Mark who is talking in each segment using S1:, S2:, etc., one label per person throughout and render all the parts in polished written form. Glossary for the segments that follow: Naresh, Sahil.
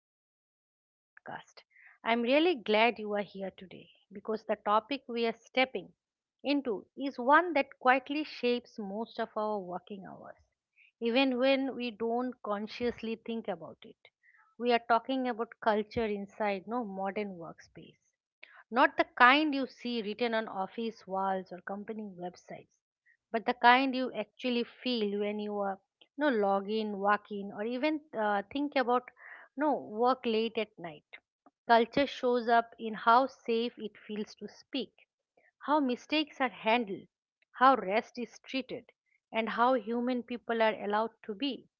S1: Welcome back to the podcast. I'm really glad you are here today because the topic we are stepping into is one that quietly shapes most of our working hours, even when we don't consciously think about it. We are talking about culture inside modern workspace, not the kind you see written on office walls or company websites, but the kind you actually feel when you are no log in, walk in, or even think about no work late at night. Culture shows up in how safe it feels to speak, how mistakes are handled, how rest is treated, and how human people are allowed to be.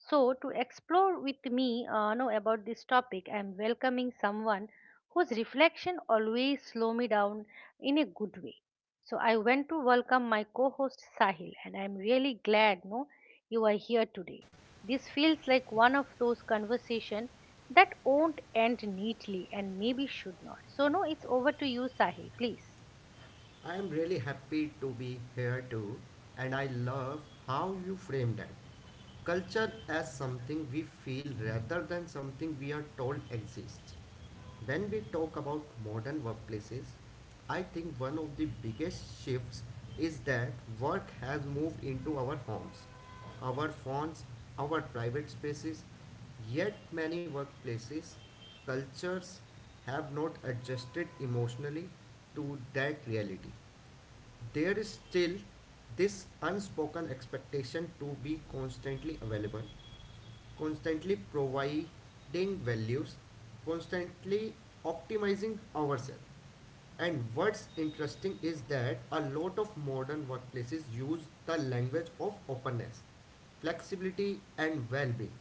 S1: So, to explore with me know about this topic, I am welcoming someone whose reflection always slow me down in a good way. So, I went to welcome my co-host Sahil, and I am really glad no you are here today. This feels like one of those conversation that won't end neatly and maybe should not. So, no, it's over to you, Sahil, please.
S2: I am really happy to be here too, and I love how you frame that. Culture as something we feel rather than something we are told exists. When we talk about modern workplaces, I think one of the biggest shifts is that work has moved into our homes, our phones, our private spaces, yet many workplaces cultures have not adjusted emotionally to that reality. There is still this unspoken expectation to be constantly available, constantly providing values, constantly optimizing ourselves. And what's interesting is that a lot of modern workplaces use the language of openness, flexibility, and well being,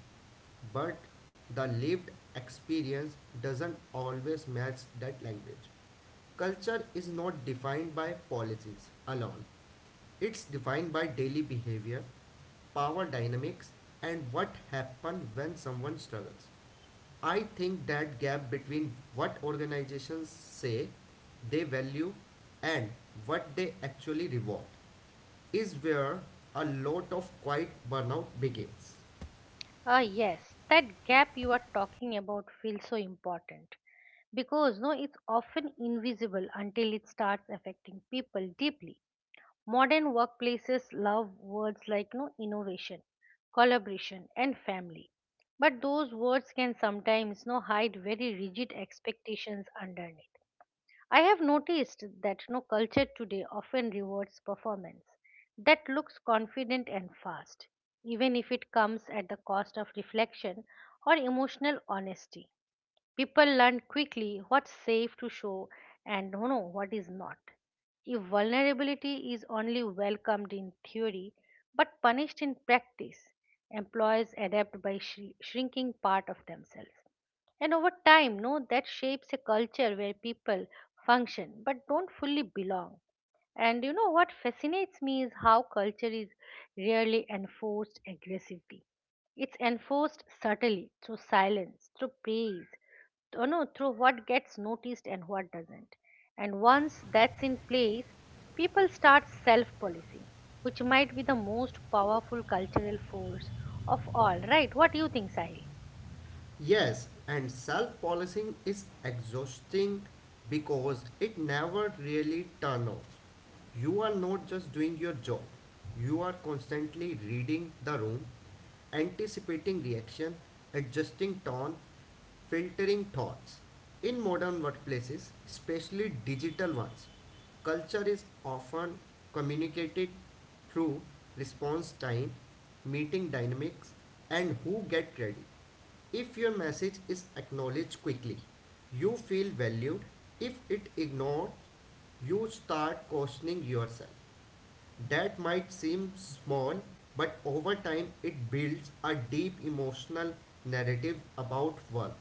S2: but the lived experience doesn't always match that language. Culture is not defined by policies alone. It's defined by daily behavior, power dynamics, and what happens when someone struggles. I think that gap between what organizations say they value and what they actually reward is where a lot of quiet burnout begins.
S1: Ah, yes, that gap you are talking about feels so important because no, it's often invisible until it starts affecting people deeply. Modern workplaces love words like no innovation, collaboration, and family, but those words can sometimes no hide very rigid expectations underneath. I have noticed that no culture today often rewards performance that looks confident and fast, even if it comes at the cost of reflection or emotional honesty. People learn quickly what's safe to show and what is not. If vulnerability is only welcomed in theory but punished in practice, employees adapt by shrinking part of themselves. And over time, no, that shapes a culture where people function but don't fully belong. And what fascinates me is how culture is rarely enforced aggressively. It's enforced subtly through silence, through praise, th- no, through what gets noticed and what doesn't. And once that's in place, people start self policing, which might be the most powerful cultural force of all. Right? What do you think, Sahil?
S2: Yes, and self policing is exhausting because it never really turns off. You are not just doing your job, you are constantly reading the room, anticipating reaction, adjusting tone, filtering thoughts. In modern workplaces, especially digital ones, culture is often communicated through response time, meeting dynamics, and who get credit. If your message is acknowledged quickly, you feel valued. If it ignored, you start questioning yourself. That might seem small, but over time it builds a deep emotional narrative about worth.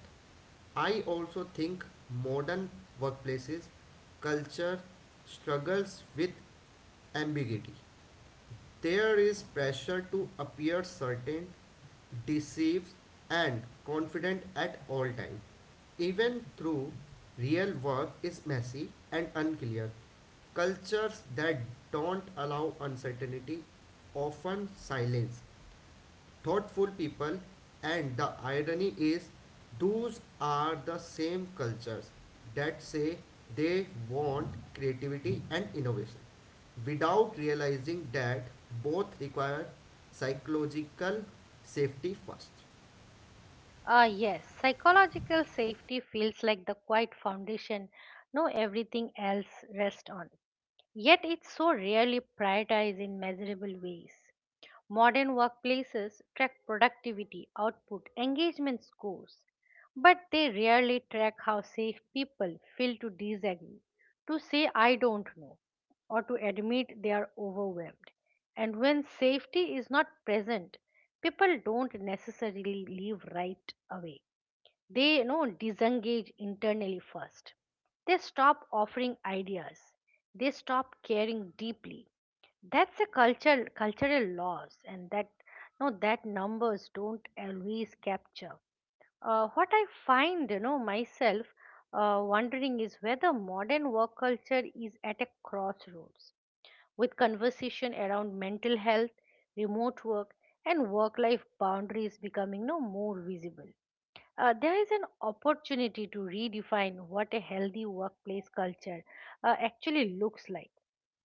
S2: I also think modern workplaces culture struggles with ambiguity. There is pressure to appear certain, deceived, and confident at all times. Even though real work is messy and unclear. Cultures that don't allow uncertainty often silence thoughtful people, and the irony is those are the same cultures that say they want creativity and innovation without realizing that both require psychological safety first.
S1: Ah, yes, psychological safety feels like the quiet foundation no everything else rests on. Yet it's so rarely prioritized in measurable ways. Modern workplaces track productivity, output, engagement scores, but they rarely track how safe people feel to disagree, to say I don't know, or to admit they are overwhelmed. And when safety is not present, people don't necessarily leave right away. They disengage internally first. They stop offering ideas. They stop caring deeply. That's a culture cultural loss, and that numbers don't always capture. What I find, myself wondering, is whether modern work culture is at a crossroads with conversation around mental health, remote work, and work life boundaries becoming no more visible. There is an opportunity to redefine what a healthy workplace culture actually looks like.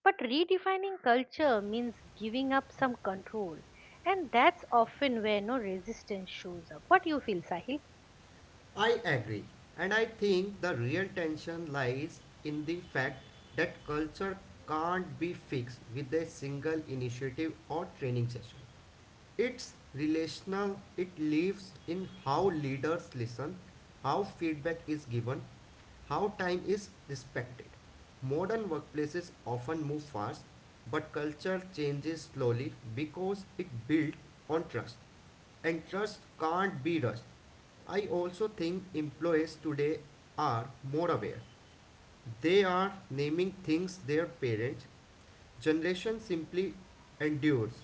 S1: But redefining culture means giving up some control, and that's often where no resistance shows up. What do you feel, Sahil?
S2: I agree, and I think the real tension lies in the fact that culture can't be fixed with a single initiative or training session. It's relational, it lives in how leaders listen, how feedback is given, how time is respected. Modern workplaces often move fast, but culture changes slowly because it builds on trust, and trust can't be rushed. I also think employees today are more aware. They are naming things their parents' generation simply endures.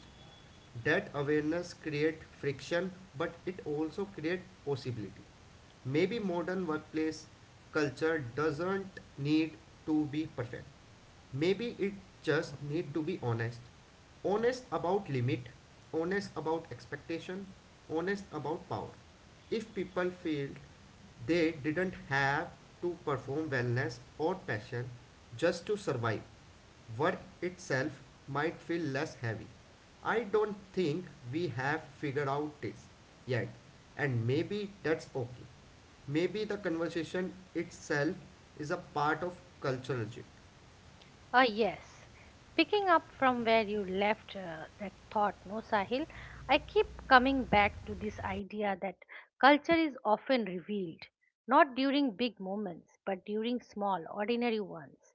S2: That awareness create friction, but it also create possibility. Maybe modern workplace culture doesn't need to be perfect. Maybe it just need to be honest. Honest about limit, honest about expectation, honest about power. If people feel they didn't have to perform wellness or passion just to survive, work itself might feel less heavy. I don't think we have figured out this yet, and maybe that's okay. Maybe the conversation itself is a part of cultural shift.
S1: Yes. Picking up from where you left that thought, no, Sahil, I keep coming back to this idea that culture is often revealed, not during big moments, but during small, ordinary ones.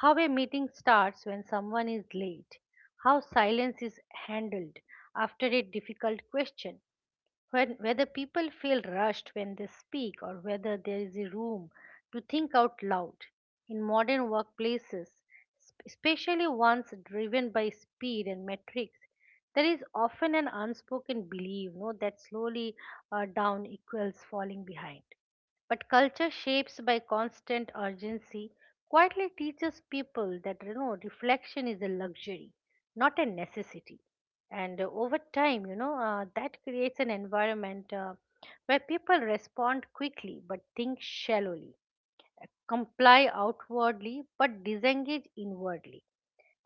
S1: How a meeting starts when someone is late. How silence is handled after a difficult question. When, whether people feel rushed when they speak or whether there is a room to think out loud. In modern workplaces, especially ones driven by speed and metrics, there is often an unspoken belief no, that slowly down equals falling behind. But culture shapes by constant urgency quietly teaches people that reflection is a luxury, not a necessity. And over time, that creates an environment where people respond quickly but think shallowly, comply outwardly but disengage inwardly.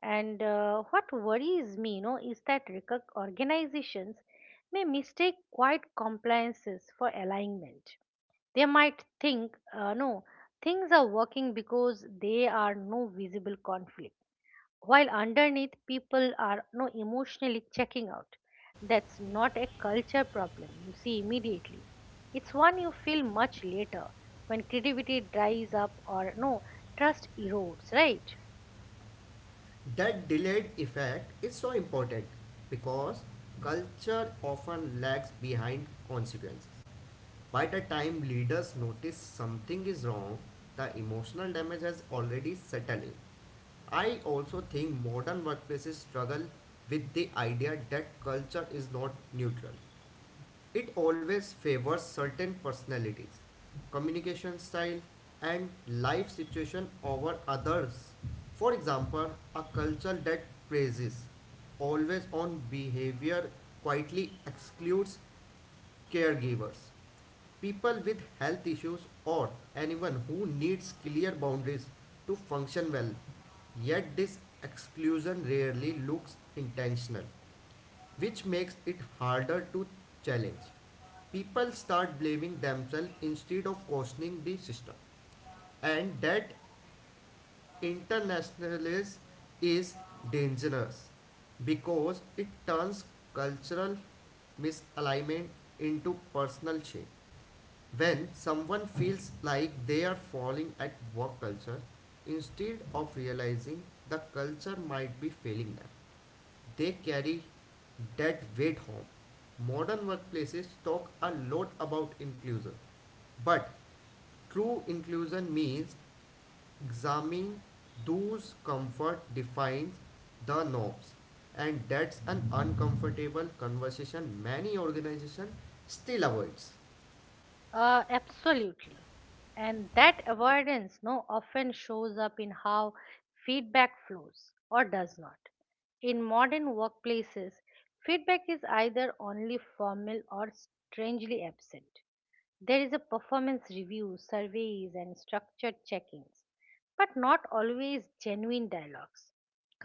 S1: And what worries me, is that organizations may mistake quiet compliances for alignment. They might think no things are working because they are no visible conflict, while underneath people are no emotionally checking out. That's not a culture problem you see immediately. It's one you feel much later, when creativity dries up or no trust erodes, right?
S2: That delayed effect is so important because culture often lags behind consequences. By the time leaders notice something is wrong, the emotional damage has already settled in. I also think modern workplaces struggle with the idea that culture is not neutral. It always favors certain personalities, communication style, and life situation over others. For example, a culture that praises always on behavior quietly excludes caregivers, people with health issues, or anyone who needs clear boundaries to function well. Yet this exclusion rarely looks intentional, which makes it harder to challenge. People start blaming themselves instead of questioning the system, and that internationalism is dangerous because it turns cultural misalignment into personal shame. When someone feels like they are falling at work culture, instead of realizing the culture might be failing them, they carry that weight home. Modern workplaces talk a lot about inclusion, but true inclusion means examining those comfort defines the norms, and that's an uncomfortable conversation many organizations still avoids.
S1: Absolutely. And that avoidance no often shows up in how feedback flows or does not. In modern workplaces, feedback is either only formal or strangely absent. There is a performance review, surveys, and structured check ins, but not always genuine dialogues.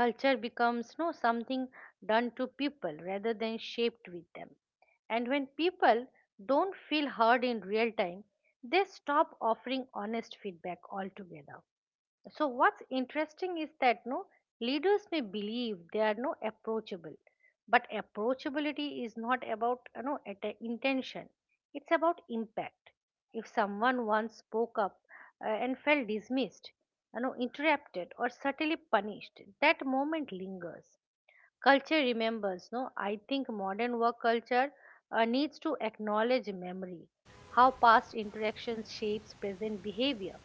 S1: Culture becomes no something done to people rather than shaped with them. And when people don't feel heard in real time, they stop offering honest feedback altogether. So what's interesting is that no leaders may believe they are no approachable, but approachability is not about at a intention. It's about impact. If someone once spoke up and felt dismissed, interrupted or subtly punished, that moment lingers. Culture remembers. No I think modern work culture needs to acknowledge memory, how past interactions shapes present behavior.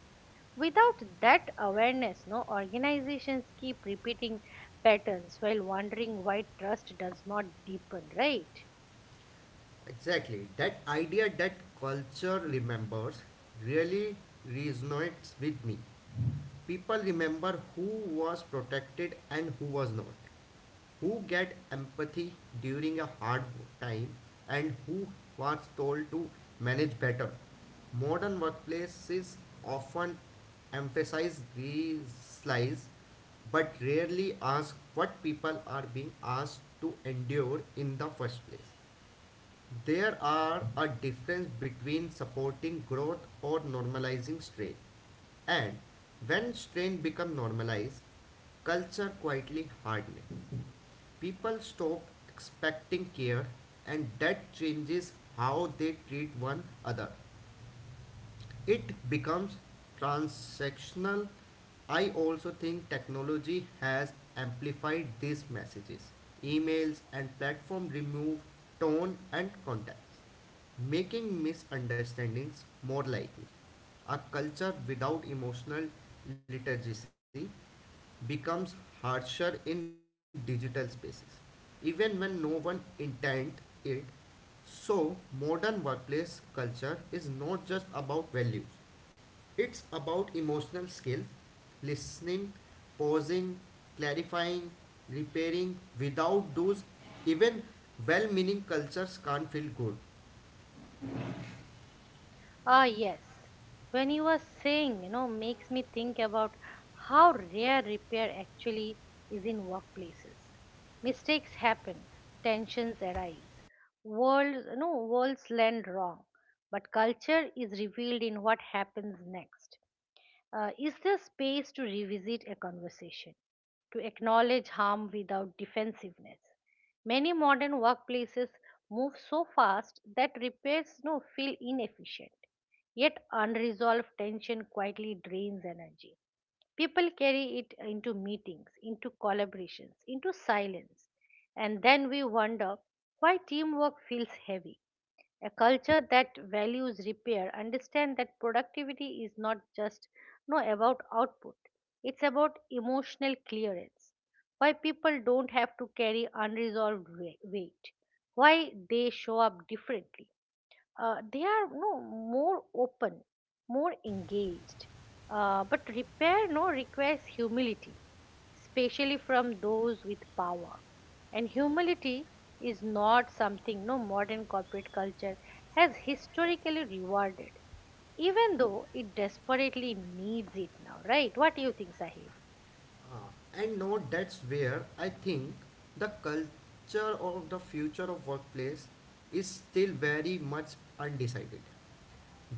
S1: Without that awareness, no organizations keep repeating patterns while wondering why trust does not deepen, right?
S2: Exactly. That idea that culture remembers really resonates with me. People remember who was protected and who was not, who get empathy during a hard time and who was told to manage better. Modern workplaces often emphasize these slides but rarely ask what people are being asked to endure in the first place. There are a difference between supporting growth or normalizing strain. And when strain become normalized, culture quietly hardens. People stop expecting care, and that changes how they treat one another. It becomes transactional. I also think technology has amplified these messages. Emails and platform remove tone and context, making misunderstandings more likely. A culture without emotional literacy becomes harsher in digital spaces, even when no one intends it. So modern workplace culture is not just about values, it's about emotional skills, listening, pausing, clarifying, repairing. Without those, even well meaning cultures can't feel good.
S1: Ah, yes. When you were saying, makes me think about how rare repair actually is in workplaces. Mistakes happen, tensions arise, worlds land wrong, but culture is revealed in what happens next. Is there space to revisit a conversation, to acknowledge harm without defensiveness? Many modern workplaces move so fast that repairs now feel inefficient, yet unresolved tension quietly drains energy. People carry it into meetings, into collaborations, into silence, and then we wonder why teamwork feels heavy. A culture that values repair understand that productivity is not just no about output. It's about emotional clearance. Why people don't have to carry unresolved weight. Why they show up differently. They are no more open, more engaged. But repair no requires humility, especially from those with power. And humility is not something no modern corporate culture has historically rewarded, even though it desperately needs it now, right? What do you think, Sahil?
S2: Ah, and no, that's where I think the culture of the future of workplace is still very much undecided.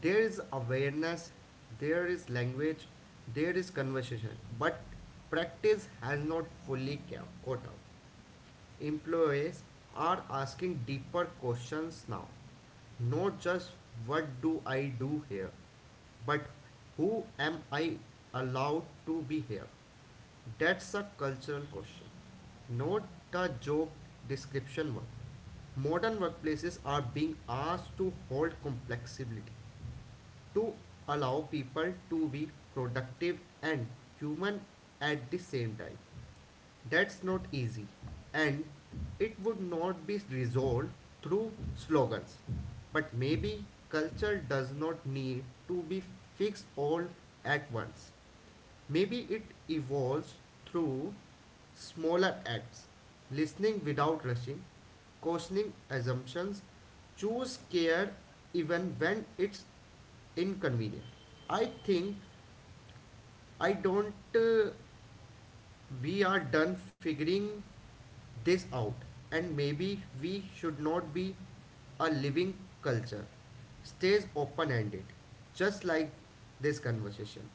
S2: There is awareness, there is language, there is conversation, but practice has not fully caught up. Employees are asking deeper questions now. Not just what do I do here, but who am I allowed to be here? That's a cultural question, not the job description one. Modern workplaces are being asked to hold complexity, to allow people to be productive and human at the same time. That's not easy, and it would not be resolved through slogans. But maybe culture does not need to be fixed all at once. Maybe it evolves through smaller acts, listening without rushing, questioning assumptions, choose care even when it's inconvenient. I think I don't we are done figuring this out, and maybe we should not be. A living culture stays open ended, just like this conversation.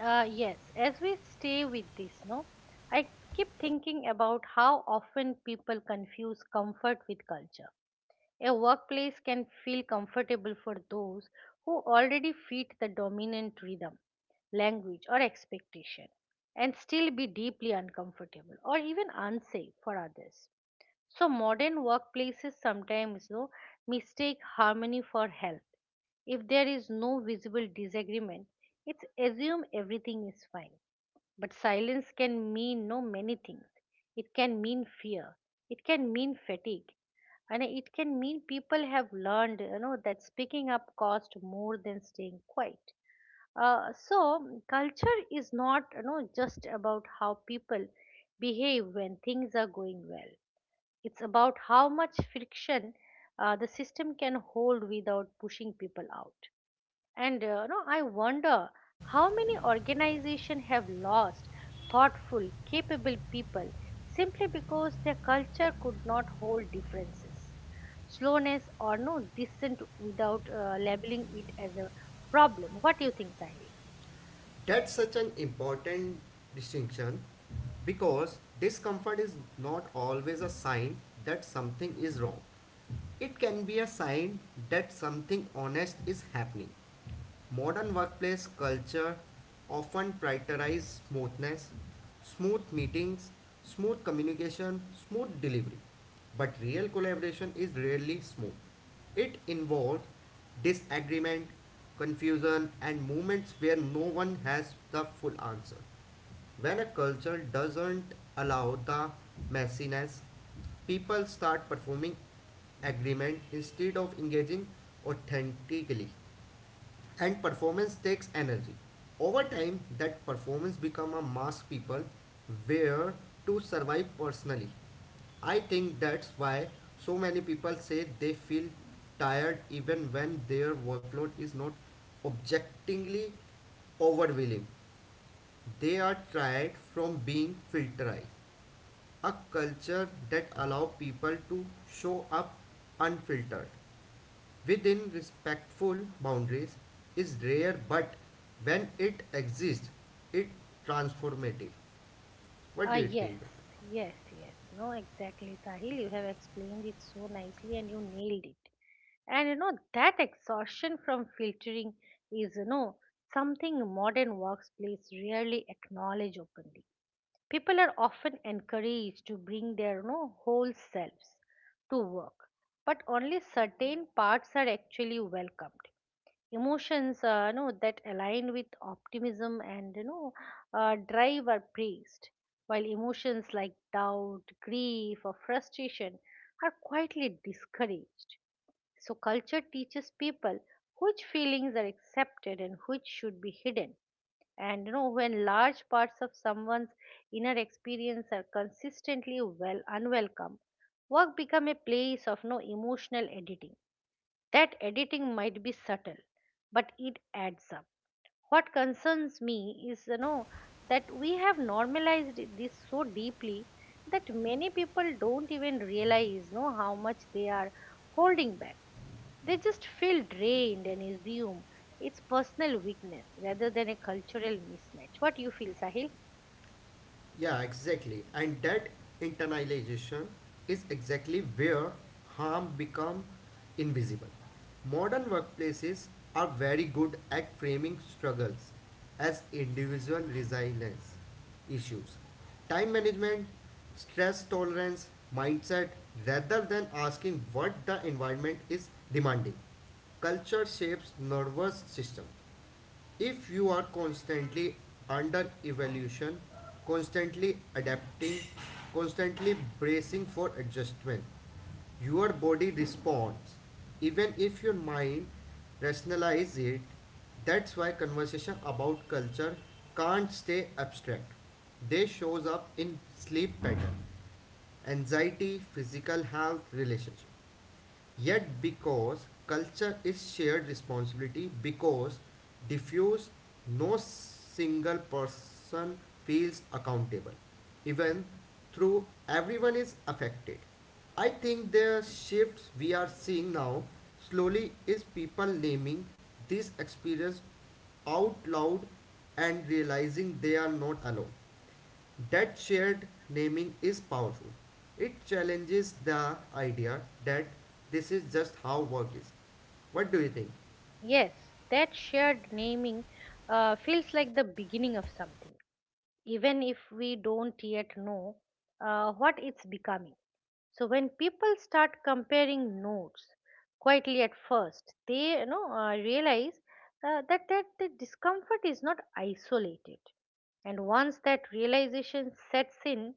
S1: Yes, as we stay with this, no, I keep thinking about how often people confuse comfort with culture. A workplace can feel comfortable for those who already fit the dominant rhythm, language, or expectation, and still be deeply uncomfortable or even unsafe for others. So, modern workplaces sometimes though, mistake harmony for health. If there is no visible disagreement, it's assume everything is fine, but silence can mean no many things. It can mean fear. It can mean fatigue. And it can mean people have learned, that speaking up costs more than staying quiet. So culture is not, just about how people behave when things are going well. It's about how much friction the system can hold without pushing people out. And no, I wonder how many organizations have lost thoughtful, capable people simply because their culture could not hold differences, slowness, or dissent without labeling it as a problem. What do you think, Sahil?
S2: That's such an important distinction because discomfort is not always a sign that something is wrong. It can be a sign that something honest is happening. Modern workplace culture often prioritizes smoothness, smooth meetings, smooth communication, smooth delivery. But real collaboration is rarely smooth. It involves disagreement, confusion, and moments where no one has the full answer. When a culture doesn't allow the messiness, people start performing agreement instead of engaging authentically, and performance takes energy. Over time that performance become a mass people where to survive personally. I think that's why so many people say they feel tired even when their workload is not objectively overwhelming. They are tired from being filterized. A culture that allow people to show up unfiltered within respectful boundaries is rare, but when it exists, it transformative. What
S1: Ah,
S2: do you think?
S1: yes, yes, yes. No, exactly, Sahil. You have explained it so nicely and you nailed it. And that exhaustion from filtering is, something modern workplace rarely acknowledge openly. People are often encouraged to bring their, whole selves to work, but only certain parts are actually welcomed. Emotions that align with optimism and drive are praised, while emotions like doubt, grief, or frustration are quietly discouraged. So culture teaches people which feelings are accepted and which should be hidden. And when large parts of someone's inner experience are consistently well unwelcome, work become a place of no emotional editing. That editing might be subtle, but it adds up. What concerns me is that we have normalized this so deeply that many people don't even realize know how much they are holding back. They just feel drained and assume it's personal weakness rather than a cultural mismatch. What do you feel, Sahil?
S2: Yeah, exactly. And that internalization is exactly where harm become invisible. Modern workplaces are very good at framing struggles as individual resilience issues, time management, stress tolerance, mindset, rather than asking what the environment is demanding. Culture shapes nervous system. If you are constantly under evolution, constantly adapting, constantly bracing for adjustment, your body responds. Even if your mind rationalizes it, that's why conversation about culture can't stay abstract. They shows up in sleep pattern, anxiety, physical health, relationships. Yet, because culture is shared responsibility, because diffuse, no single person feels accountable, even through everyone is affected. I think the shifts we are seeing now slowly is people naming this experience out loud and realizing they are not alone. That shared naming is powerful. It challenges the idea that this is just how work is. What do you think?
S1: Yes, that shared naming feels like the beginning of something, even if we don't yet know what it's becoming. So when people start comparing notes quietly at first, they realize that the discomfort is not isolated. And once that realization sets in,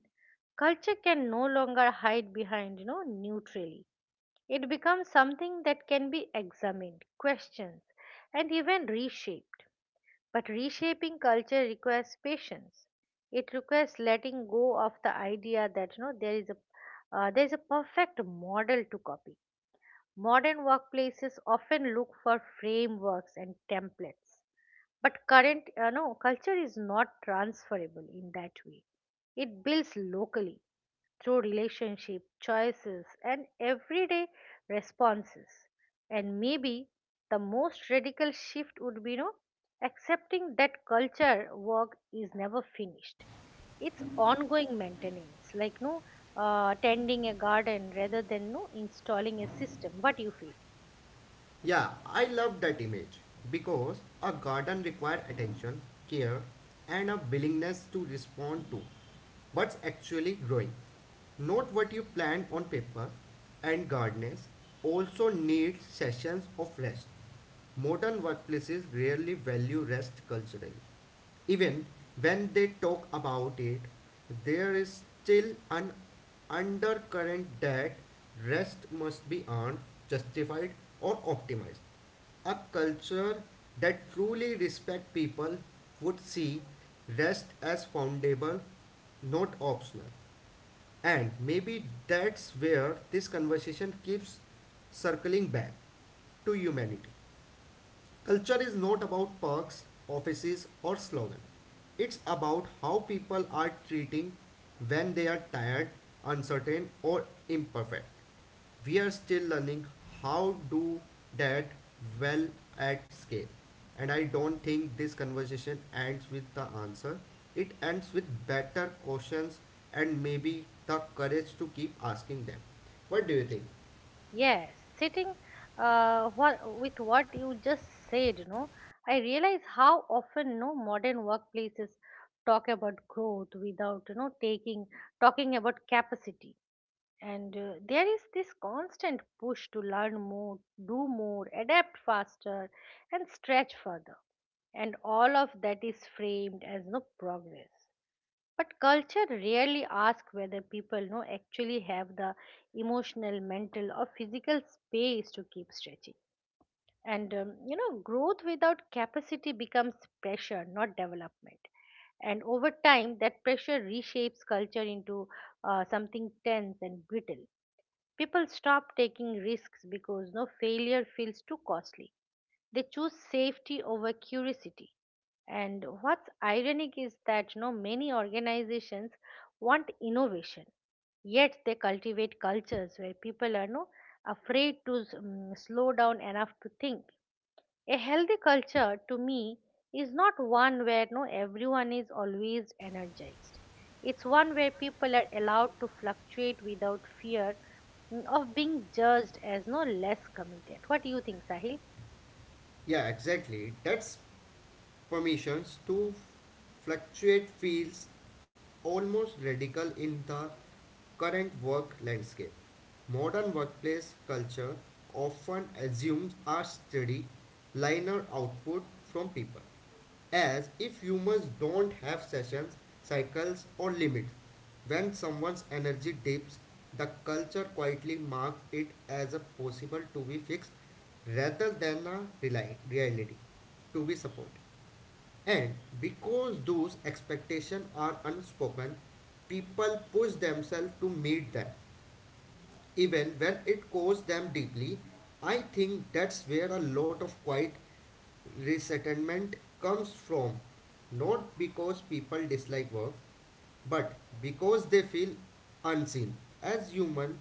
S1: culture can no longer hide behind neutrally. It becomes something that can be examined, questioned, and even reshaped. But reshaping culture requires patience. It requires letting go of the idea that there is a perfect model to copy. Modern workplaces often look for frameworks and templates, but current culture is not transferable in that way. It builds locally through relationship choices and everyday responses. And maybe the most radical shift would be accepting that culture work is never finished. It's ongoing maintenance, like no tending a garden rather than no installing a system. What do you feel?
S2: Yeah, I love that image because a garden requires attention, care, and a willingness to respond to what's actually growing, not what you planned on paper. And gardeners also need sessions of rest. Modern workplaces rarely value rest culturally. Even when they talk about it, there is still an undercurrent that rest must be earned, justified, or optimized. A culture that truly respects people would see rest as foundable, not optional. And maybe that's where this conversation keeps circling back to humanity. Culture is not about perks, offices, or slogan. It's about how people are treating when they are tired, uncertain, or imperfect. We are still learning how do that well at scale. And I don't think this conversation ends with the answer. It ends with better questions, and maybe the courage to keep asking them. What do you think?
S1: Yes, sitting with what you just said, I realize how often no modern workplaces talk about growth without, you know, taking talking about capacity. And there is this constant push to learn more, do more, adapt faster, and stretch further. And all of that is framed as no progress. But culture rarely asks whether people actually have the emotional, mental, or physical space to keep stretching. And growth without capacity becomes pressure, not development. And over time, that pressure reshapes culture into something tense and brittle. People stop taking risks because no failure feels too costly. They choose safety over curiosity. And what's ironic is that many organizations want innovation, yet they cultivate cultures where people are no afraid to slow down enough to think. A healthy culture, to me, is not one where no everyone is always energized. It's one where people are allowed to fluctuate without fear of being judged as no less committed. What do you think, Sahil?
S2: Yeah, exactly. That's formations to fluctuate feels almost radical in the current work landscape. Modern workplace culture often assumes a steady, linear output from people, as if humans don't have sessions, cycles, or limits. When someone's energy dips, the culture quietly marks it as a possible to be fixed rather than a reality to be supported. And because those expectations are unspoken, people push themselves to meet them, even when it costs them deeply. I think that's where a lot of quiet resentment comes from. Not because people dislike work, but because they feel unseen as human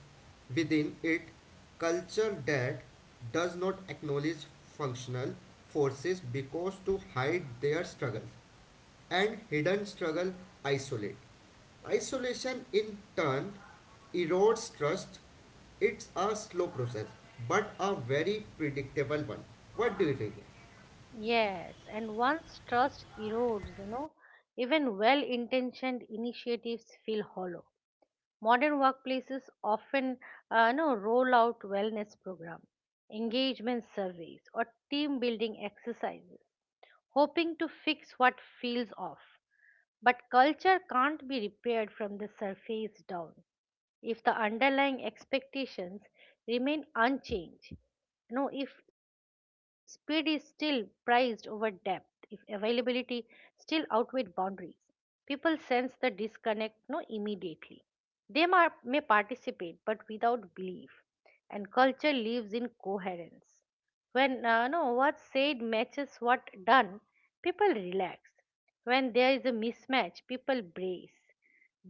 S2: within it. Culture that does not acknowledge functional forces because to hide their struggles, and hidden struggle isolate. Isolation in turn erodes trust. It's a slow process, but a very predictable one. What do you think?
S1: Yes, and once trust erodes, even well intentioned initiatives feel hollow. Modern workplaces often no, roll out wellness programs, engagement surveys, or team building exercises, hoping to fix what feels off. But culture can't be repaired from the surface down if the underlying expectations remain unchanged. No, if speed is still prized over depth, if availability still outweighed boundaries, people sense the disconnect no immediately. They may participate but without belief, and culture lives in coherence. When no what's said matches what done, people relax. When there is a mismatch, people brace.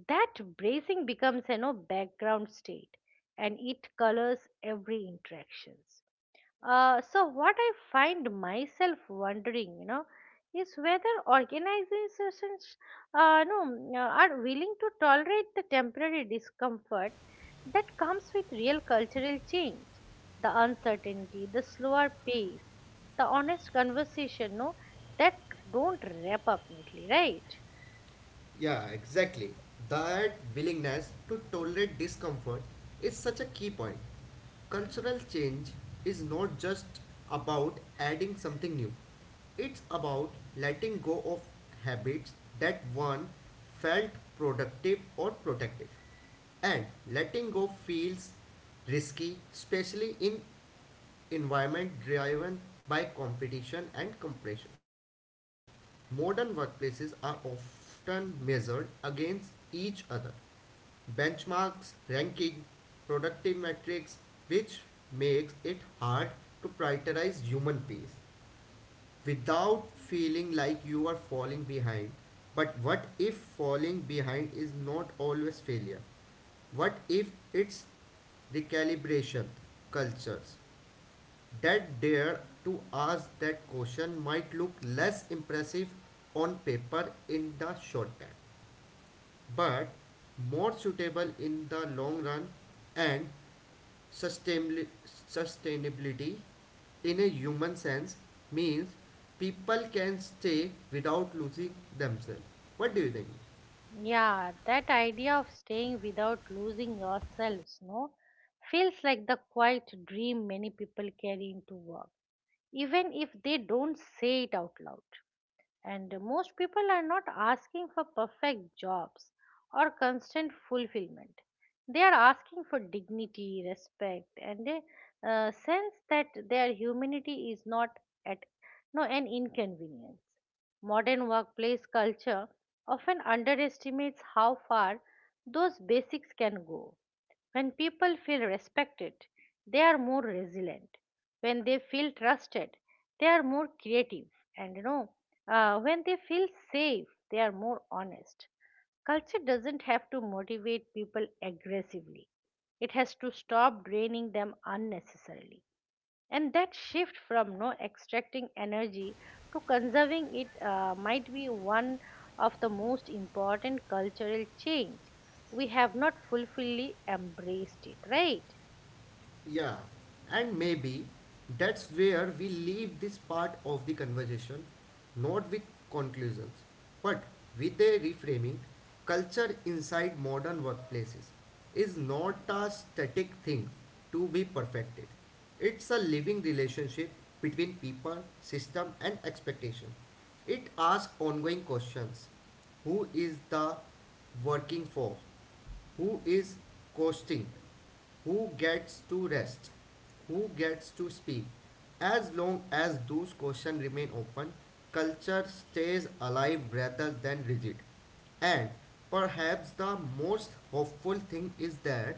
S1: That bracing becomes a no background state, and it colors every interactions. So what I find myself wondering, is whether organizations, no, are willing to tolerate the temporary discomfort that comes with real cultural change, the uncertainty, the slower pace, the honest conversation, no, that don't wrap up neatly, right?
S2: Yeah, exactly. That willingness to tolerate discomfort is such a key point. Cultural change is not just about adding something new, it's about letting go of habits that one felt productive or protective. And letting go feels risky, especially in environment driven by competition and compression. Modern workplaces are often measured against each other. Benchmarks, ranking, productive metrics, which makes it hard to prioritize human pace without feeling like you are falling behind. But what if falling behind is not always failure? What if it's recalibration cultures that dare to ask that question might look less impressive on paper in the short term, but more suitable in the long run and sustainabli- sustainability in a human sense means people can stay without losing themselves. What do you think?
S1: Yeah, that idea of staying without losing yourselves, no, feels like the quiet dream many people carry into work, even if they don't say it out loud. And most people are not asking for perfect jobs or constant fulfillment. They are asking for dignity, respect, and a sense that their humanity is not at no an inconvenience. Modern workplace culture often underestimates how far those basics can go. When people feel respected, they are more resilient. When they feel trusted, they are more creative. And when they feel safe, they are more honest. Culture doesn't have to motivate people aggressively, it has to stop draining them unnecessarily, and that shift from no extracting energy to conserving it might be one of the most important cultural change we have not fully embraced it, right?
S2: Yeah, and maybe that's where we leave this part of the conversation, not with conclusions, but with a reframing. Culture inside modern workplaces is not a static thing to be perfected. It's a living relationship between people, system, and expectation. It asks ongoing questions, who is the working for, who is costing, who gets to rest, who gets to speak. As long as those questions remain open, culture stays alive rather than rigid. And perhaps the most hopeful thing is that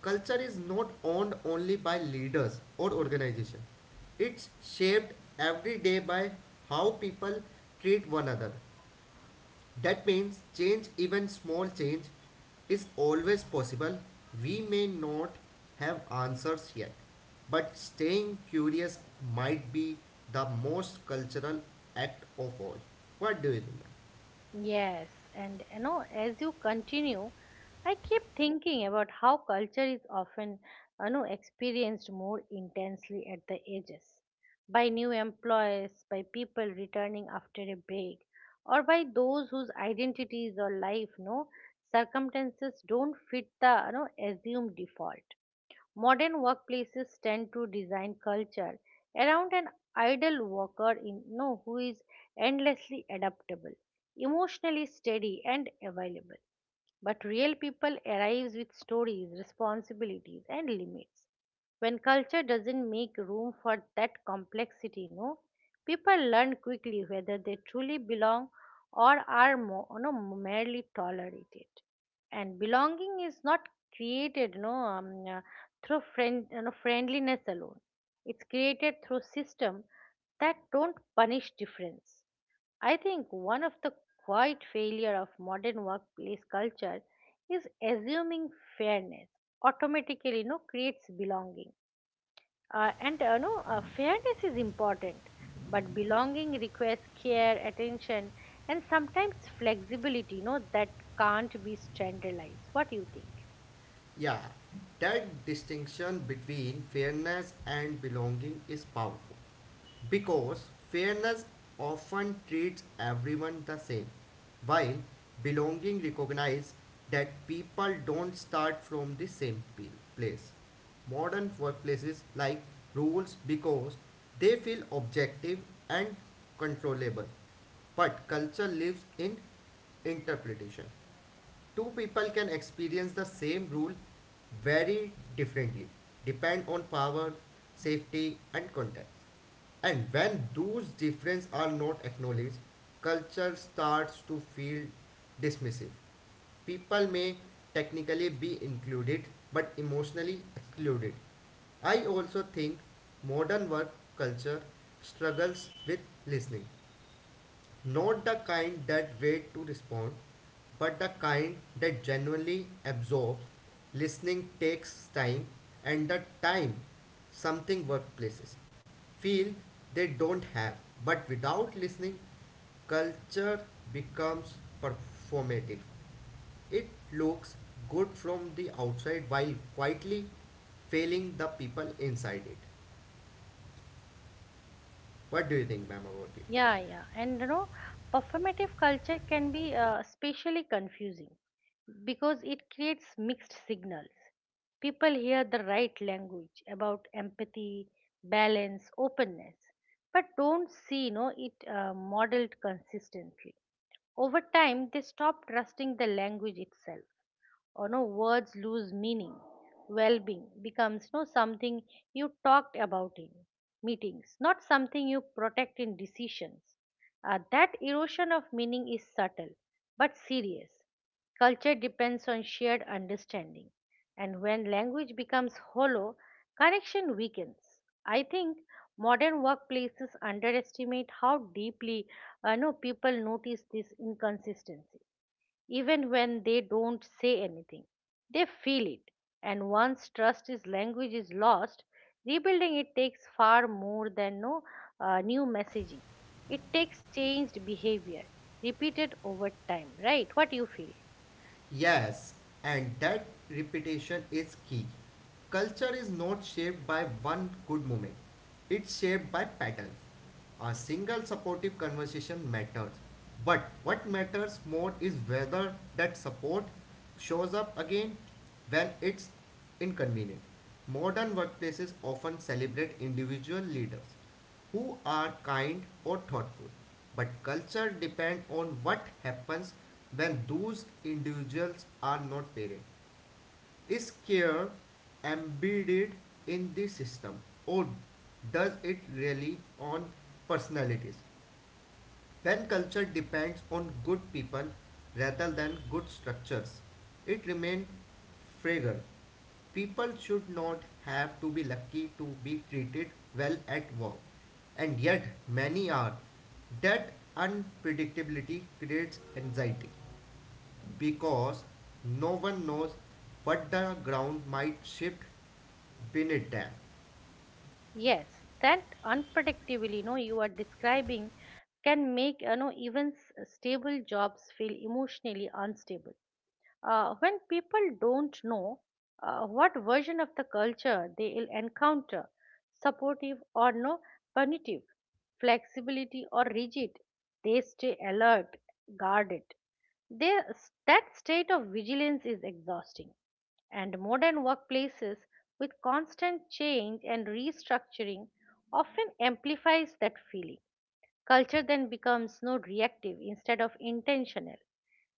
S2: culture is not owned only by leaders or organizations. It's shaped every day by how people treat one another, that means change, even small change, is always possible. We may not have answers yet, but staying curious might be the most cultural act of all. What do you think?
S1: Yes, and as you continue, I keep thinking about how culture is often, experienced more intensely at the edges, by new employees, by people returning after a break, or by those whose identities or life, no circumstances don't fit the, assumed default. Modern workplaces tend to design culture around an idle worker in who is endlessly adaptable, emotionally steady, and available. But real people arrives with stories, responsibilities, and limits. When culture doesn't make room for that complexity, no, people learn quickly whether they truly belong or are more, merely tolerated. And belonging is not created no, through friendliness alone. It's created through system that don't punish difference. I think one of the quiet failure of modern workplace culture is assuming fairness automatically no creates belonging. And no fairness is important, but belonging requires care attention, and sometimes flexibility that can't be standardized. What do you think?
S2: Yeah, that distinction between fairness and belonging is powerful because fairness often treats everyone the same, while belonging recognizes that people don't start from the same place. Modern workplaces like rules because they feel objective and controllable, but culture lives in interpretation. Two people can experience the same rule very differently depend on power, safety, and context, and when those differences are not acknowledged culture starts to feel dismissive. People may technically be included but emotionally excluded. I also think modern work culture struggles with listening, not the kind that wait to respond, but the kind that genuinely absorbs. Listening takes time, and the time something workplaces feel they don't have. But without listening, culture becomes performative. It looks good from the outside while quietly failing the people inside it. What do you think, ma'am, about it?
S1: Yeah, yeah. And performative culture can be especially confusing because it creates mixed signals. People hear the right language about empathy, balance, openness, but don't see it modeled consistently. Over time, they stop trusting the language itself, or no words lose meaning. Well-being becomes no something you talked about in meetings, not something you protect in decisions. That erosion of meaning is subtle but serious. Culture depends on shared understanding, and when language becomes hollow, connection weakens. I think modern workplaces underestimate how deeply no people notice this inconsistency, even when they don't say anything. They feel it, and once trust is language is lost, rebuilding it takes far more than no new messaging. It takes changed behavior, repeated over time. Right? What do you feel?
S2: Yes, and that repetition is key. Culture is not shaped by one good moment, it's shaped by patterns. A single supportive conversation matters, but what matters more is whether that support shows up again when it's inconvenient. Modern workplaces often celebrate individual leaders who are kind or thoughtful, but culture depends on what happens when those individuals are not paid. Is care embedded in the system, or does it rely on personalities? When culture depends on good people rather than good structures it remains fragile. People should not have to be lucky to be treated well at work, and yet many are. That unpredictability creates anxiety because no one knows what the ground might shift beneath them.
S1: Yes, that unpredictability, no, you are describing can make even stable jobs feel emotionally unstable when people don't know what version of the culture they will encounter, supportive or no, punitive, flexibility or rigid. They stay alert, guarded. They, that state of vigilance is exhausting, and modern workplaces with constant change and restructuring often amplifies that feeling. Culture then becomes no reactive instead of intentional.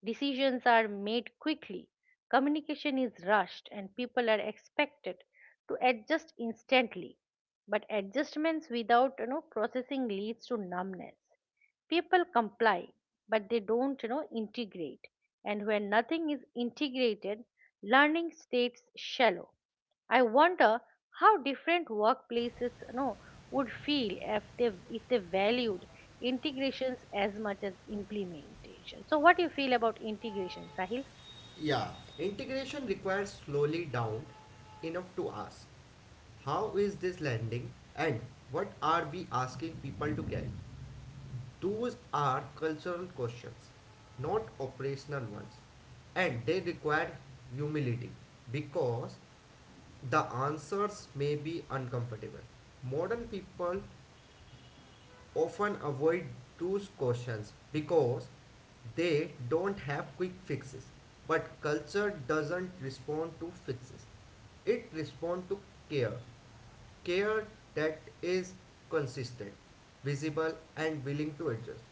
S1: Decisions are made quickly, communication is rushed, and people are expected to adjust instantly. But adjustments without processing leads to numbness. People comply, but they don't integrate, and when nothing is integrated, learning stays shallow. I wonder how different workplaces would feel if they valued integrations as much as implementation. So what do you feel about integration, Sahil?
S2: Yeah, integration requires slowly down enough to ask, how is this landing and what are we asking people to carry? Those are cultural questions, not operational ones, and they require humility because the answers may be uncomfortable. Modern people often avoid those questions because they don't have quick fixes. But culture doesn't respond to fixes. It responds to care. Care that is consistent, visible and willing to adjust.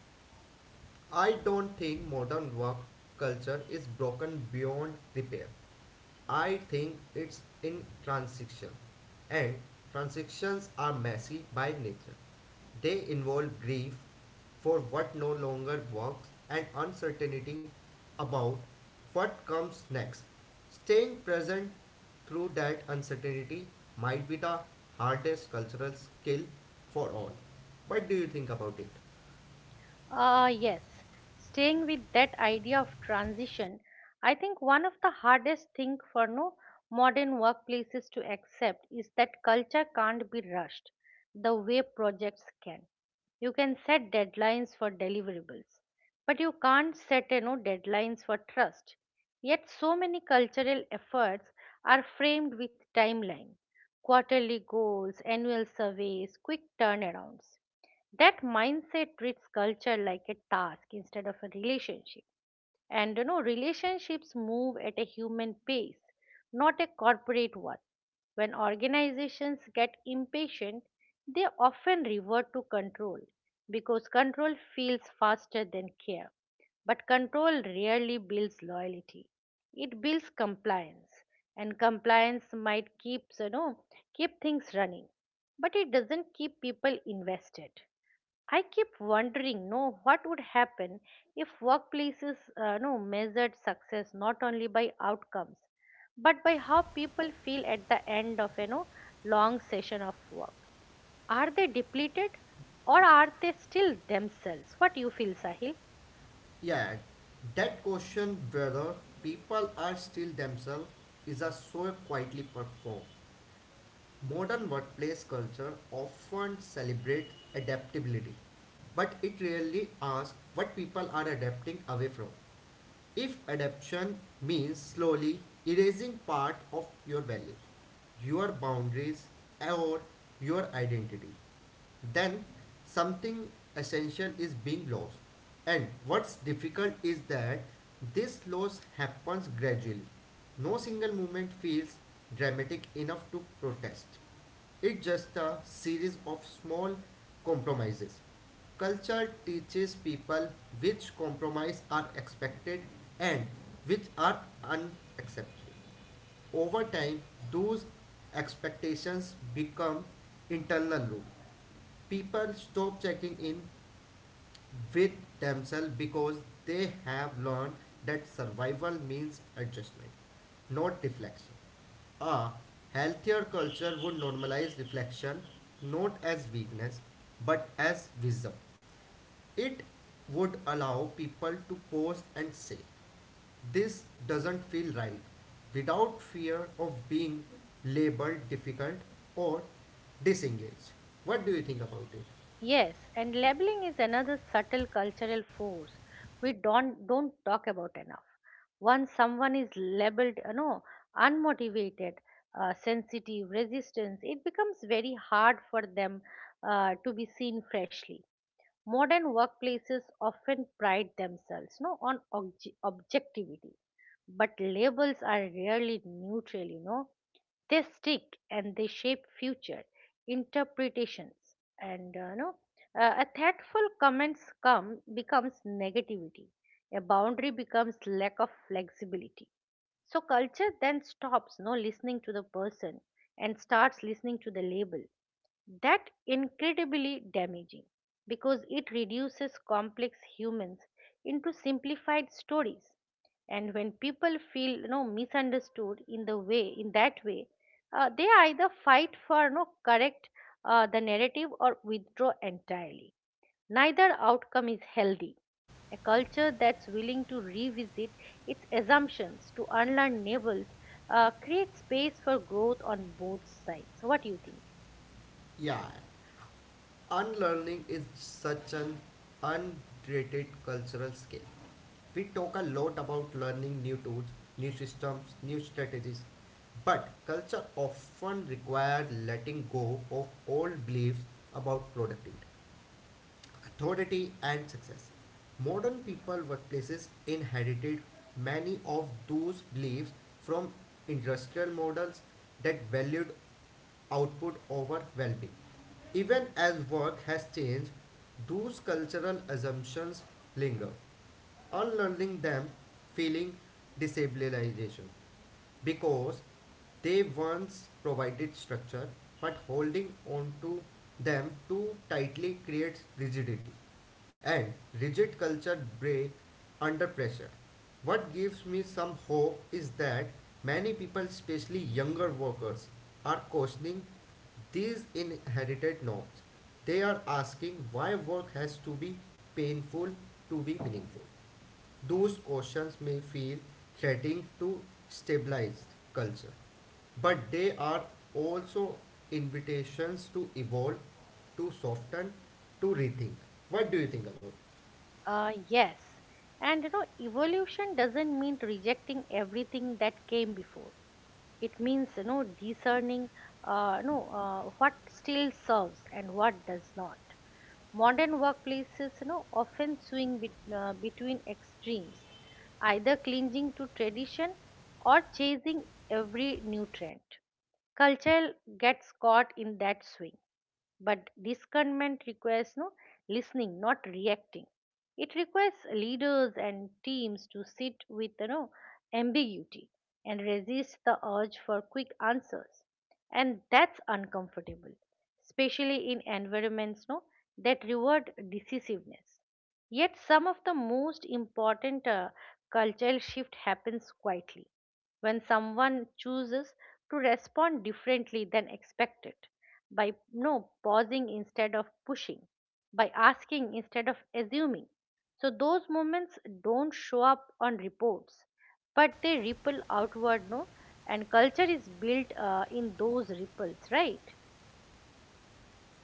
S2: I don't think modern work culture is broken beyond repair. I think it's in transition, and transactions are messy by nature. They involve grief for what no longer works and uncertainty about what comes next. Staying present through that uncertainty might be the hardest cultural skill for all. What do you think about it?
S1: Yes, staying with that idea of transition, I think one of the hardest thing for no modern workplaces to accept is that culture can't be rushed the way projects can. You can set deadlines for deliverables, but you can't set deadlines for trust. Yet so many cultural efforts are framed with timeline, quarterly goals, annual surveys, quick turnarounds. That mindset treats culture like a task instead of a relationship, and relationships move at a human pace, not a corporate one. When organizations get impatient, they often revert to control because control feels faster than care. But control rarely builds loyalty, it builds compliance. And compliance might keep you know keep things running, but it doesn't keep people invested. I keep wondering, no, what would happen if workplaces, no, measured success not only by outcomes, but by how people feel at the end of long session of work. Are they depleted, or are they still themselves? What do you feel, Sahil?
S2: Yeah, that question whether people are still themselves is a so quietly performed. Modern workplace culture often celebrates adaptability, but it rarely asks what people are adapting away from. If adaptation means slowly erasing part of your value, your boundaries, or your identity, then something essential is being lost. And what's difficult is that this loss happens gradually. No single movement feels dramatic enough to protest. It's just a series of small compromises. Culture teaches people which compromises are expected and which are unacceptable. Over time, those expectations become internal loop. People stop checking in with themselves because they have learned that survival means adjustment, not deflection. A healthier culture would normalize reflection not as weakness but as wisdom. It would allow people to pause and say, "This doesn't feel right," without fear of being labeled difficult or disengaged. What do you think about it?
S1: Yes, and labeling is another subtle cultural force we don't talk about enough. Once someone is labeled, unmotivated, sensitive, resistance, it becomes very hard for them to be seen freshly. Modern workplaces often pride themselves no, on objectivity, but labels are rarely neutral, they stick and they shape future interpretations. And no a thoughtful comments come becomes negativity, a boundary becomes lack of flexibility. So culture then stops no listening to the person and starts listening to the label. That incredibly damaging because it reduces complex humans into simplified stories. And when people feel misunderstood in that way, they either fight for no correct the narrative or withdraw entirely. Neither outcome is healthy. A culture that's willing to revisit its assumptions to unlearn navels creates space for growth on both sides. So, what do you think?
S2: Yeah, unlearning is such an underrated cultural skill. We talk a lot about learning new tools, new systems, new strategies, but culture often requires letting go of old beliefs about productivity, authority, and success. Modern people workplaces inherited many of those beliefs from industrial models that valued output over well being. Even as work has changed, those cultural assumptions linger. Unlearning them feeling destabilization because they once provided structure, but holding on to them too tightly creates rigidity, and rigid culture break under pressure. What gives me some hope is that many people, especially younger workers, are questioning these inherited norms. They are asking why work has to be painful to be meaningful. Those questions may feel threatening to stabilized culture, but they are also invitations to evolve, to soften, to rethink. What do you think about?
S1: Yes. And evolution doesn't mean rejecting everything that came before. It means discerning no what still serves and what does not. Modern workplaces often swing between extremes, either clinging to tradition or chasing every new trend. Culture gets caught in that swing. But discernment requires no listening, not reacting. It requires leaders and teams to sit with ambiguity and resist the urge for quick answers. And that's uncomfortable, especially in environments no, that reward decisiveness. Yet some of the most important cultural shift happens quietly when someone chooses to respond differently than expected, by no pausing instead of pushing, by asking instead of assuming. So those moments don't show up on reports, but they ripple outward no, and culture is built in those ripples, right?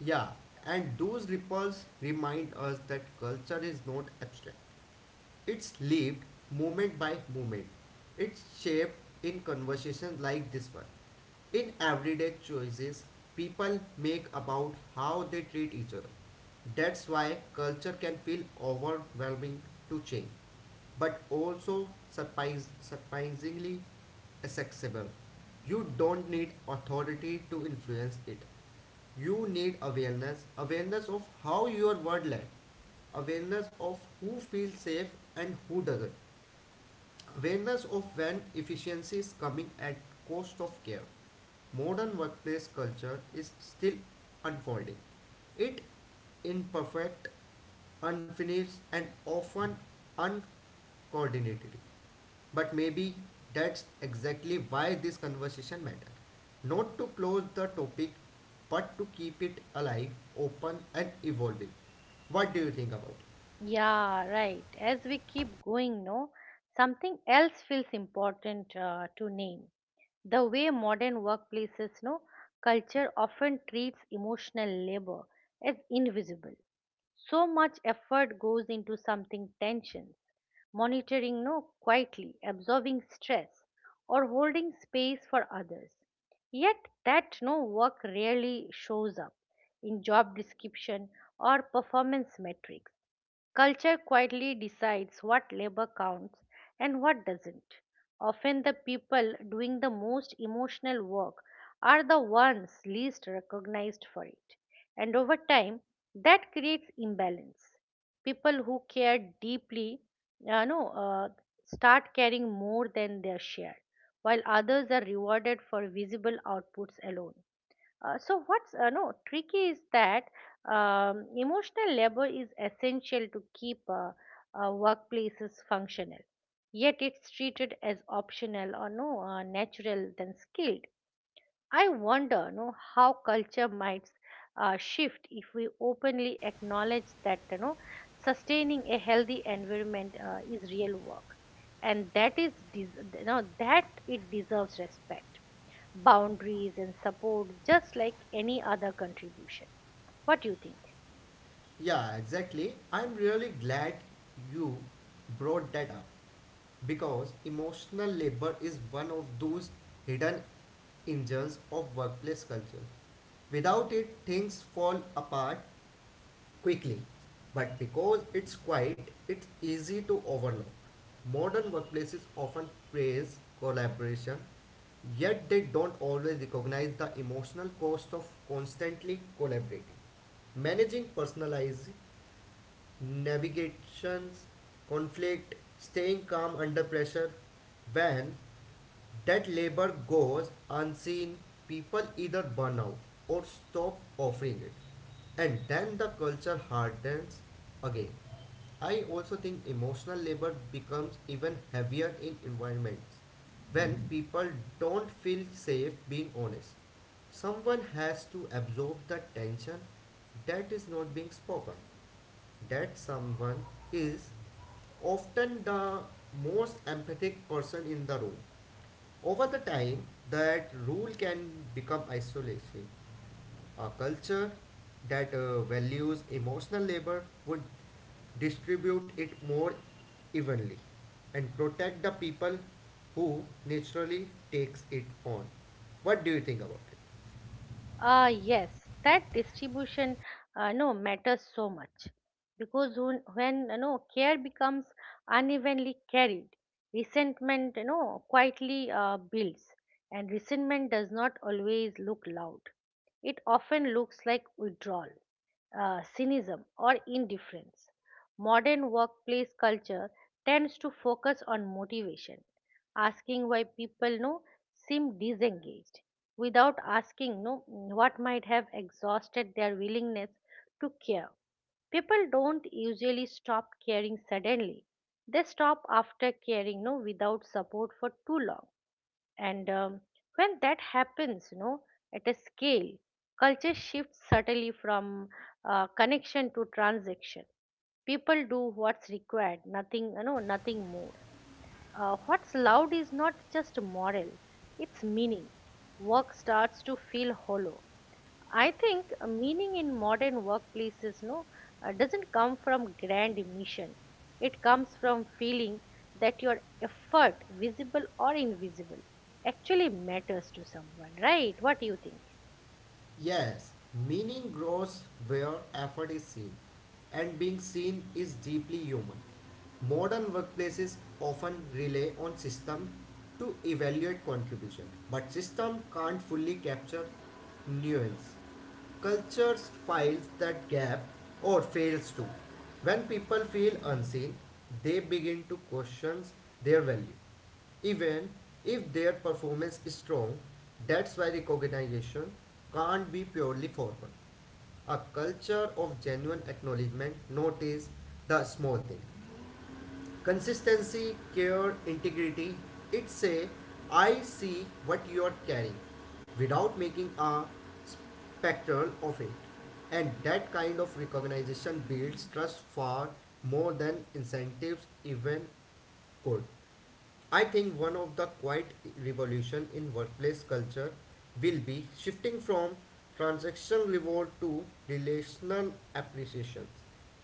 S2: Yeah, and those ripples remind us that culture is not abstract. It's lived moment by moment. It's shaped in conversations like this one. In everyday choices people make about how they treat each other. That's why culture can feel overwhelming to change, but also surprisingly accessible. You don't need authority to influence it. You need awareness, awareness of how your word lands, awareness of who feels safe and who doesn't, awareness of when efficiency is coming at cost of care. Modern workplace culture is still unfolding. It imperfect, unfinished and often uncoordinated. But maybe that's exactly why this conversation matters. Not to close the topic but to keep it alive, open and evolving. What do you think about it?
S1: Yeah, right. As we keep going, no, something else feels important to name. The way modern workplaces, no, culture often treats emotional labor as invisible. So much effort goes into something tension, monitoring, no, quietly, absorbing stress, or holding space for others. Yet that no work rarely shows up in job description or performance metrics. Culture quietly decides what labor counts and what doesn't. Often, the people doing the most emotional work are the ones least recognized for it. And over time, that creates imbalance. People who care deeply no, start caring more than their share, while others are rewarded for visible outputs alone. So what's no tricky is that emotional labor is essential to keep workplaces functional. Yet it's treated as optional or no, natural than skilled. I wonder no how culture might shift if we openly acknowledge that sustaining a healthy environment is real work, and that it deserves respect, boundaries, and support, just like any other contribution. What do you think?
S2: Yeah, exactly. I'm really glad you brought that up because emotional labor is one of those hidden engines of workplace culture. Without it, things fall apart quickly, but because it's quiet, it's easy to overlook. Modern workplaces often praise collaboration, yet they don't always recognize the emotional cost of constantly collaborating. Managing personalized navigations, conflict, staying calm under pressure. When that labor goes unseen, people either burn out or stop offering it, and then the culture hardens again. I also think emotional labor becomes even heavier in environments when people don't feel safe being honest. Someone has to absorb the tension that is not being spoken. That someone is often the most empathic person in the room. Over the time, that rule can become isolation. A culture that values emotional labor would distribute it more evenly and protect the people who naturally takes it on. What do you think about it?
S1: Ah, yes, that distribution no, matters so much because when care becomes unevenly carried, resentment quietly builds, and resentment does not always look loud. It often looks like withdrawal, cynicism, or indifference. Modern workplace culture tends to focus on motivation, asking why people seem disengaged without asking no, what might have exhausted their willingness to care. People don't usually stop caring suddenly. They stop after caring no, without support for too long. And When that happens, no, at a scale, culture shifts subtly from connection to transaction. People do what's required, nothing, nothing more. What's loud is not just moral, it's meaning. Work starts to feel hollow. I think meaning in modern workplaces no, doesn't come from grand mission. It comes from feeling that your effort, visible or invisible, actually matters to someone, right? What do you think?
S2: Yes, meaning grows where effort is seen, and being seen is deeply human. Modern workplaces often rely on system to evaluate contribution, but system can't fully capture nuance. Cultures files that gap or fails to. When people feel unseen, they begin to question their value even if their performance is strong. That's why recognition can't be purely formal. A culture of genuine acknowledgement notice the small thing. Consistency, care, integrity. It say, I see what you are carrying without making a spectral of it. And that kind of recognition builds trust far more than incentives even could. I think one of the quiet revolution in workplace culture will be shifting from transactional reward to relational appreciation.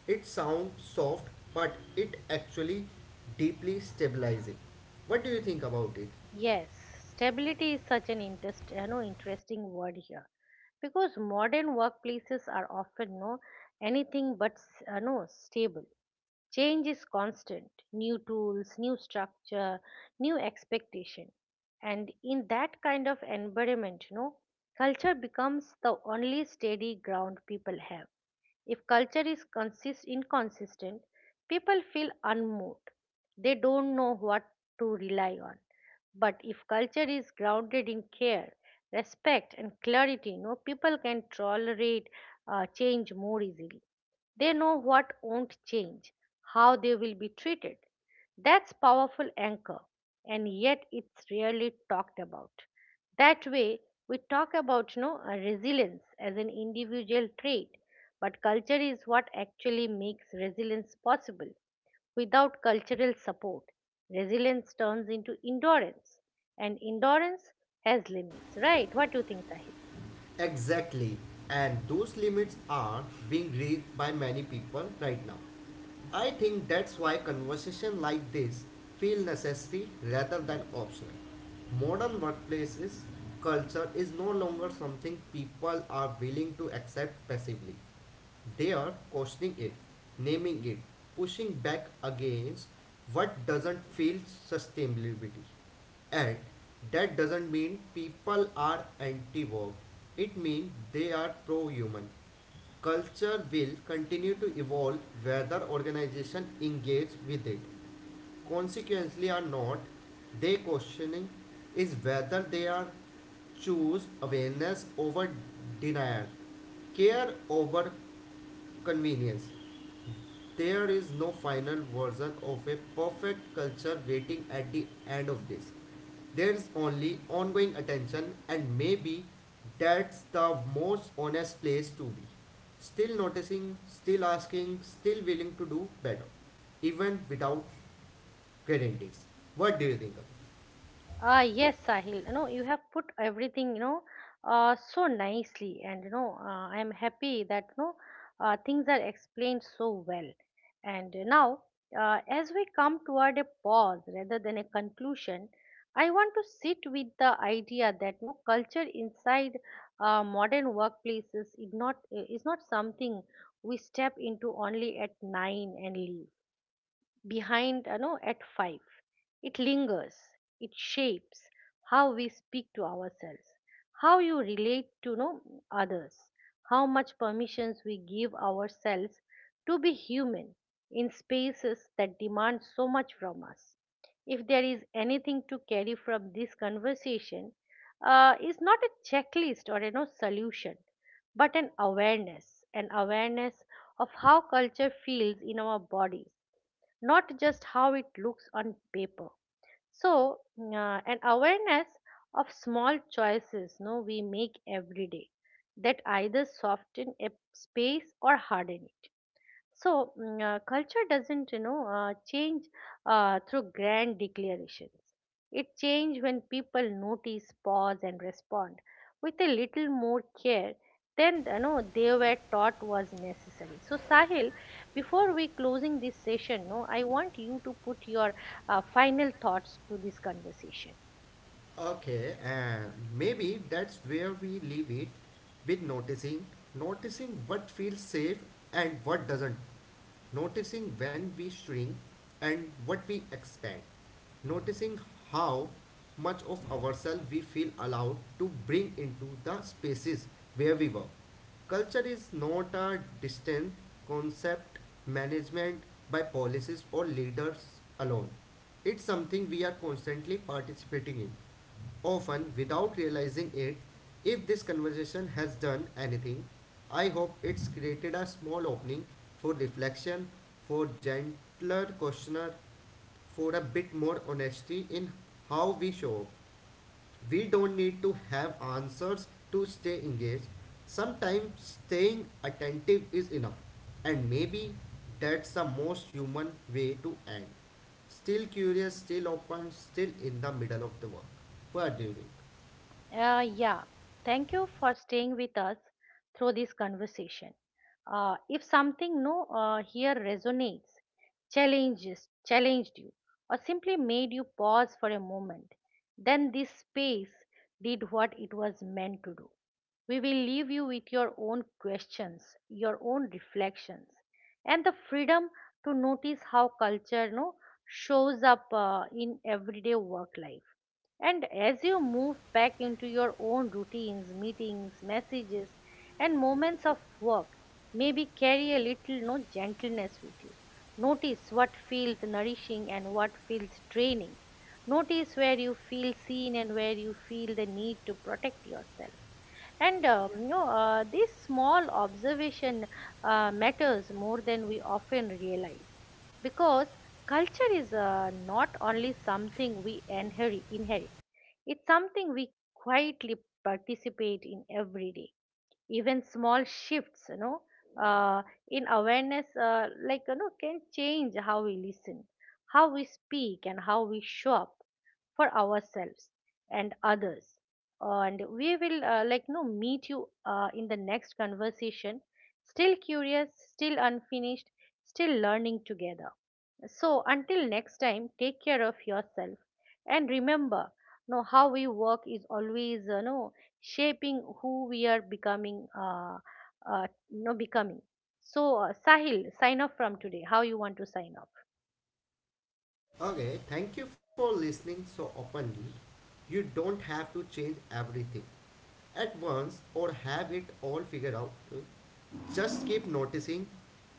S2: It sounds soft, but it actually deeply stabilizing. What do you think about it?
S1: Yes, stability is such an interesting word here because modern workplaces are often no, anything but no, stable. Change is constant, new tools, new structure, new expectation, and in that kind of environment, no, culture becomes the only steady ground people have. If culture is consist inconsistent, people feel unmoved. They don't know what to rely on. But if culture is grounded in care, respect, and clarity, no, people can tolerate change more easily. They know what won't change, how they will be treated. That's powerful anchor, and yet it's rarely talked about. That way, we talk about no, resilience as an individual trait, but culture is what actually makes resilience possible. Without cultural support, resilience turns into endurance, and endurance has limits, right? What do you think, Sahil?
S2: Exactly. And those limits are being reached by many people right now. I think that's why conversation like this feel necessary rather than optional. Modern workplaces culture is no longer something people are willing to accept passively. They are questioning it, naming it, pushing back against what doesn't feel sustainability. And that doesn't mean people are anti work. It means they are pro-human. Culture will continue to evolve whether organizations engage with it. Consequently or not, they questioning is whether they are choose awareness over denial, care over convenience. There is no final version of a perfect culture waiting at the end of this. There is only ongoing attention, and maybe that's the most honest place to be. Still noticing, still asking, still willing to do better, even without guarantees. What do you think? Of?
S1: Ah, yes, Sahil. You have put everything, so nicely, and I am happy that things are explained so well. And now, as we come toward a pause rather than a conclusion, I want to sit with the idea that no, culture inside modern workplaces is not something we step into only at nine and leave behind at 5. It lingers, it shapes how we speak to ourselves, how you relate to others, how much permissions we give ourselves to be human in spaces that demand so much from us. If there is anything to carry from this conversation, is not a checklist or solution, but an awareness, an awareness of how culture feels in our bodies, not just how it looks on paper. So, an awareness of small choices no, we make every day that either soften a space or harden it. So culture doesn't, change through grand declarations. It changes when people notice, pause, and respond with a little more care than they were taught was necessary. So Sahil, before we closing this session, no, I want you to put your final thoughts to this conversation.
S2: Okay, and maybe that's where we leave it with noticing, noticing what feels safe and what doesn't. Noticing when we shrink and what we expand, noticing how much of ourselves we feel allowed to bring into the spaces where we work. Culture is not a distant concept management by policies or leaders alone. It's something we are constantly participating in often without realizing it. If this conversation has done anything, I hope it's created a small opening for reflection, for gentler questioner, for a bit more honesty in how we show up. We don't need to have answers to stay engaged. Sometimes staying attentive is enough, and maybe that's the most human way to end. Still curious, still open, still in the middle of the work. What do you think?
S1: Yeah, thank you for staying with us through this conversation. If something no here resonates, challenges challenged you, or simply made you pause for a moment, then this space did what it was meant to do. We will leave you with your own questions, your own reflections, and the freedom to notice how culture no, shows up in everyday work life. And as you move back into your own routines, meetings, messages, and moments of work, maybe carry a little no, gentleness with you. Notice what feels nourishing and what feels draining. Notice where you feel seen and where you feel the need to protect yourself. And this small observation matters more than we often realize, because culture is not only something we inherit, it's something we quietly participate in every day. Even small shifts, uh, in awareness, like can change how we listen, how we speak, and how we show up for ourselves and others. And we will like no, meet you in the next conversation, still curious, still unfinished, still learning together. So, until next time, take care of yourself. And remember, no, how we work is always no, shaping who we are becoming, no, becoming. So, Sahil, sign off from today. How you want to sign off?
S2: Okay, thank you for listening so openly. You don't have to change everything at once or have it all figured out. Just keep noticing,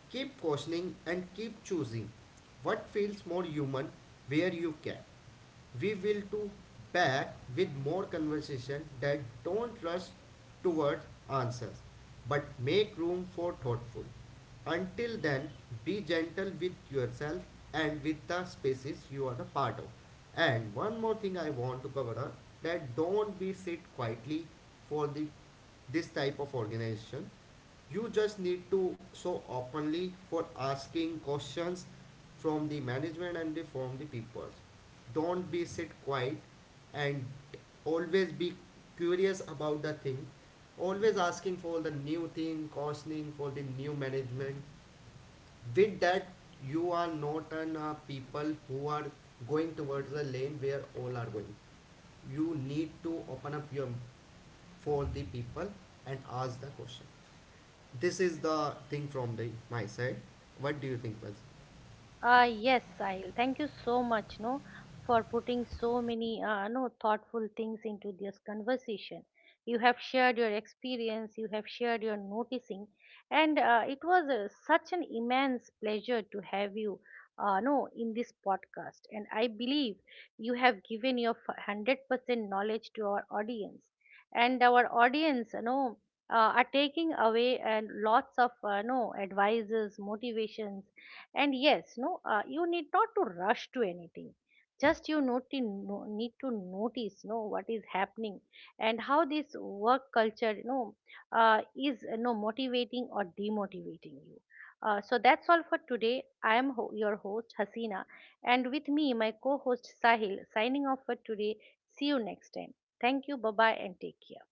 S2: keep questioning, and keep choosing what feels more human where you can. We will do back with more conversation that don't rush towards answers but make room for thoughtful. Until then, be gentle with yourself and with the spaces you are a part of. And one more thing I want to cover up, that don't be sit quietly for the this type of organization. You just need to so openly for asking questions from the management and from the people. Don't be sit quiet, and always be curious about the thing, always asking for the new thing, costing for the new management. With that, you are not an people who are going towards the lane where all are going. You need to open up your for the people and ask the question. This is the thing from the my side. What do you think was
S1: Yes, Sahil. Thank you so much, no, for putting so many, no, thoughtful things into this conversation. You have shared your experience, you have shared your noticing, and it was such an immense pleasure to have you, no, in this podcast. And I believe you have given your 100% knowledge to our audience, and our audience, are taking away and lots of, no, advices, motivations, and yes no you need not to rush to anything. Just you need to notice no, what is happening, and how this work culture is motivating or demotivating you. So that's all for today. I am your host, Hasina, and with me my co-host, Sahil, signing off for today. See you next time. Thank you. Bye bye, and take care.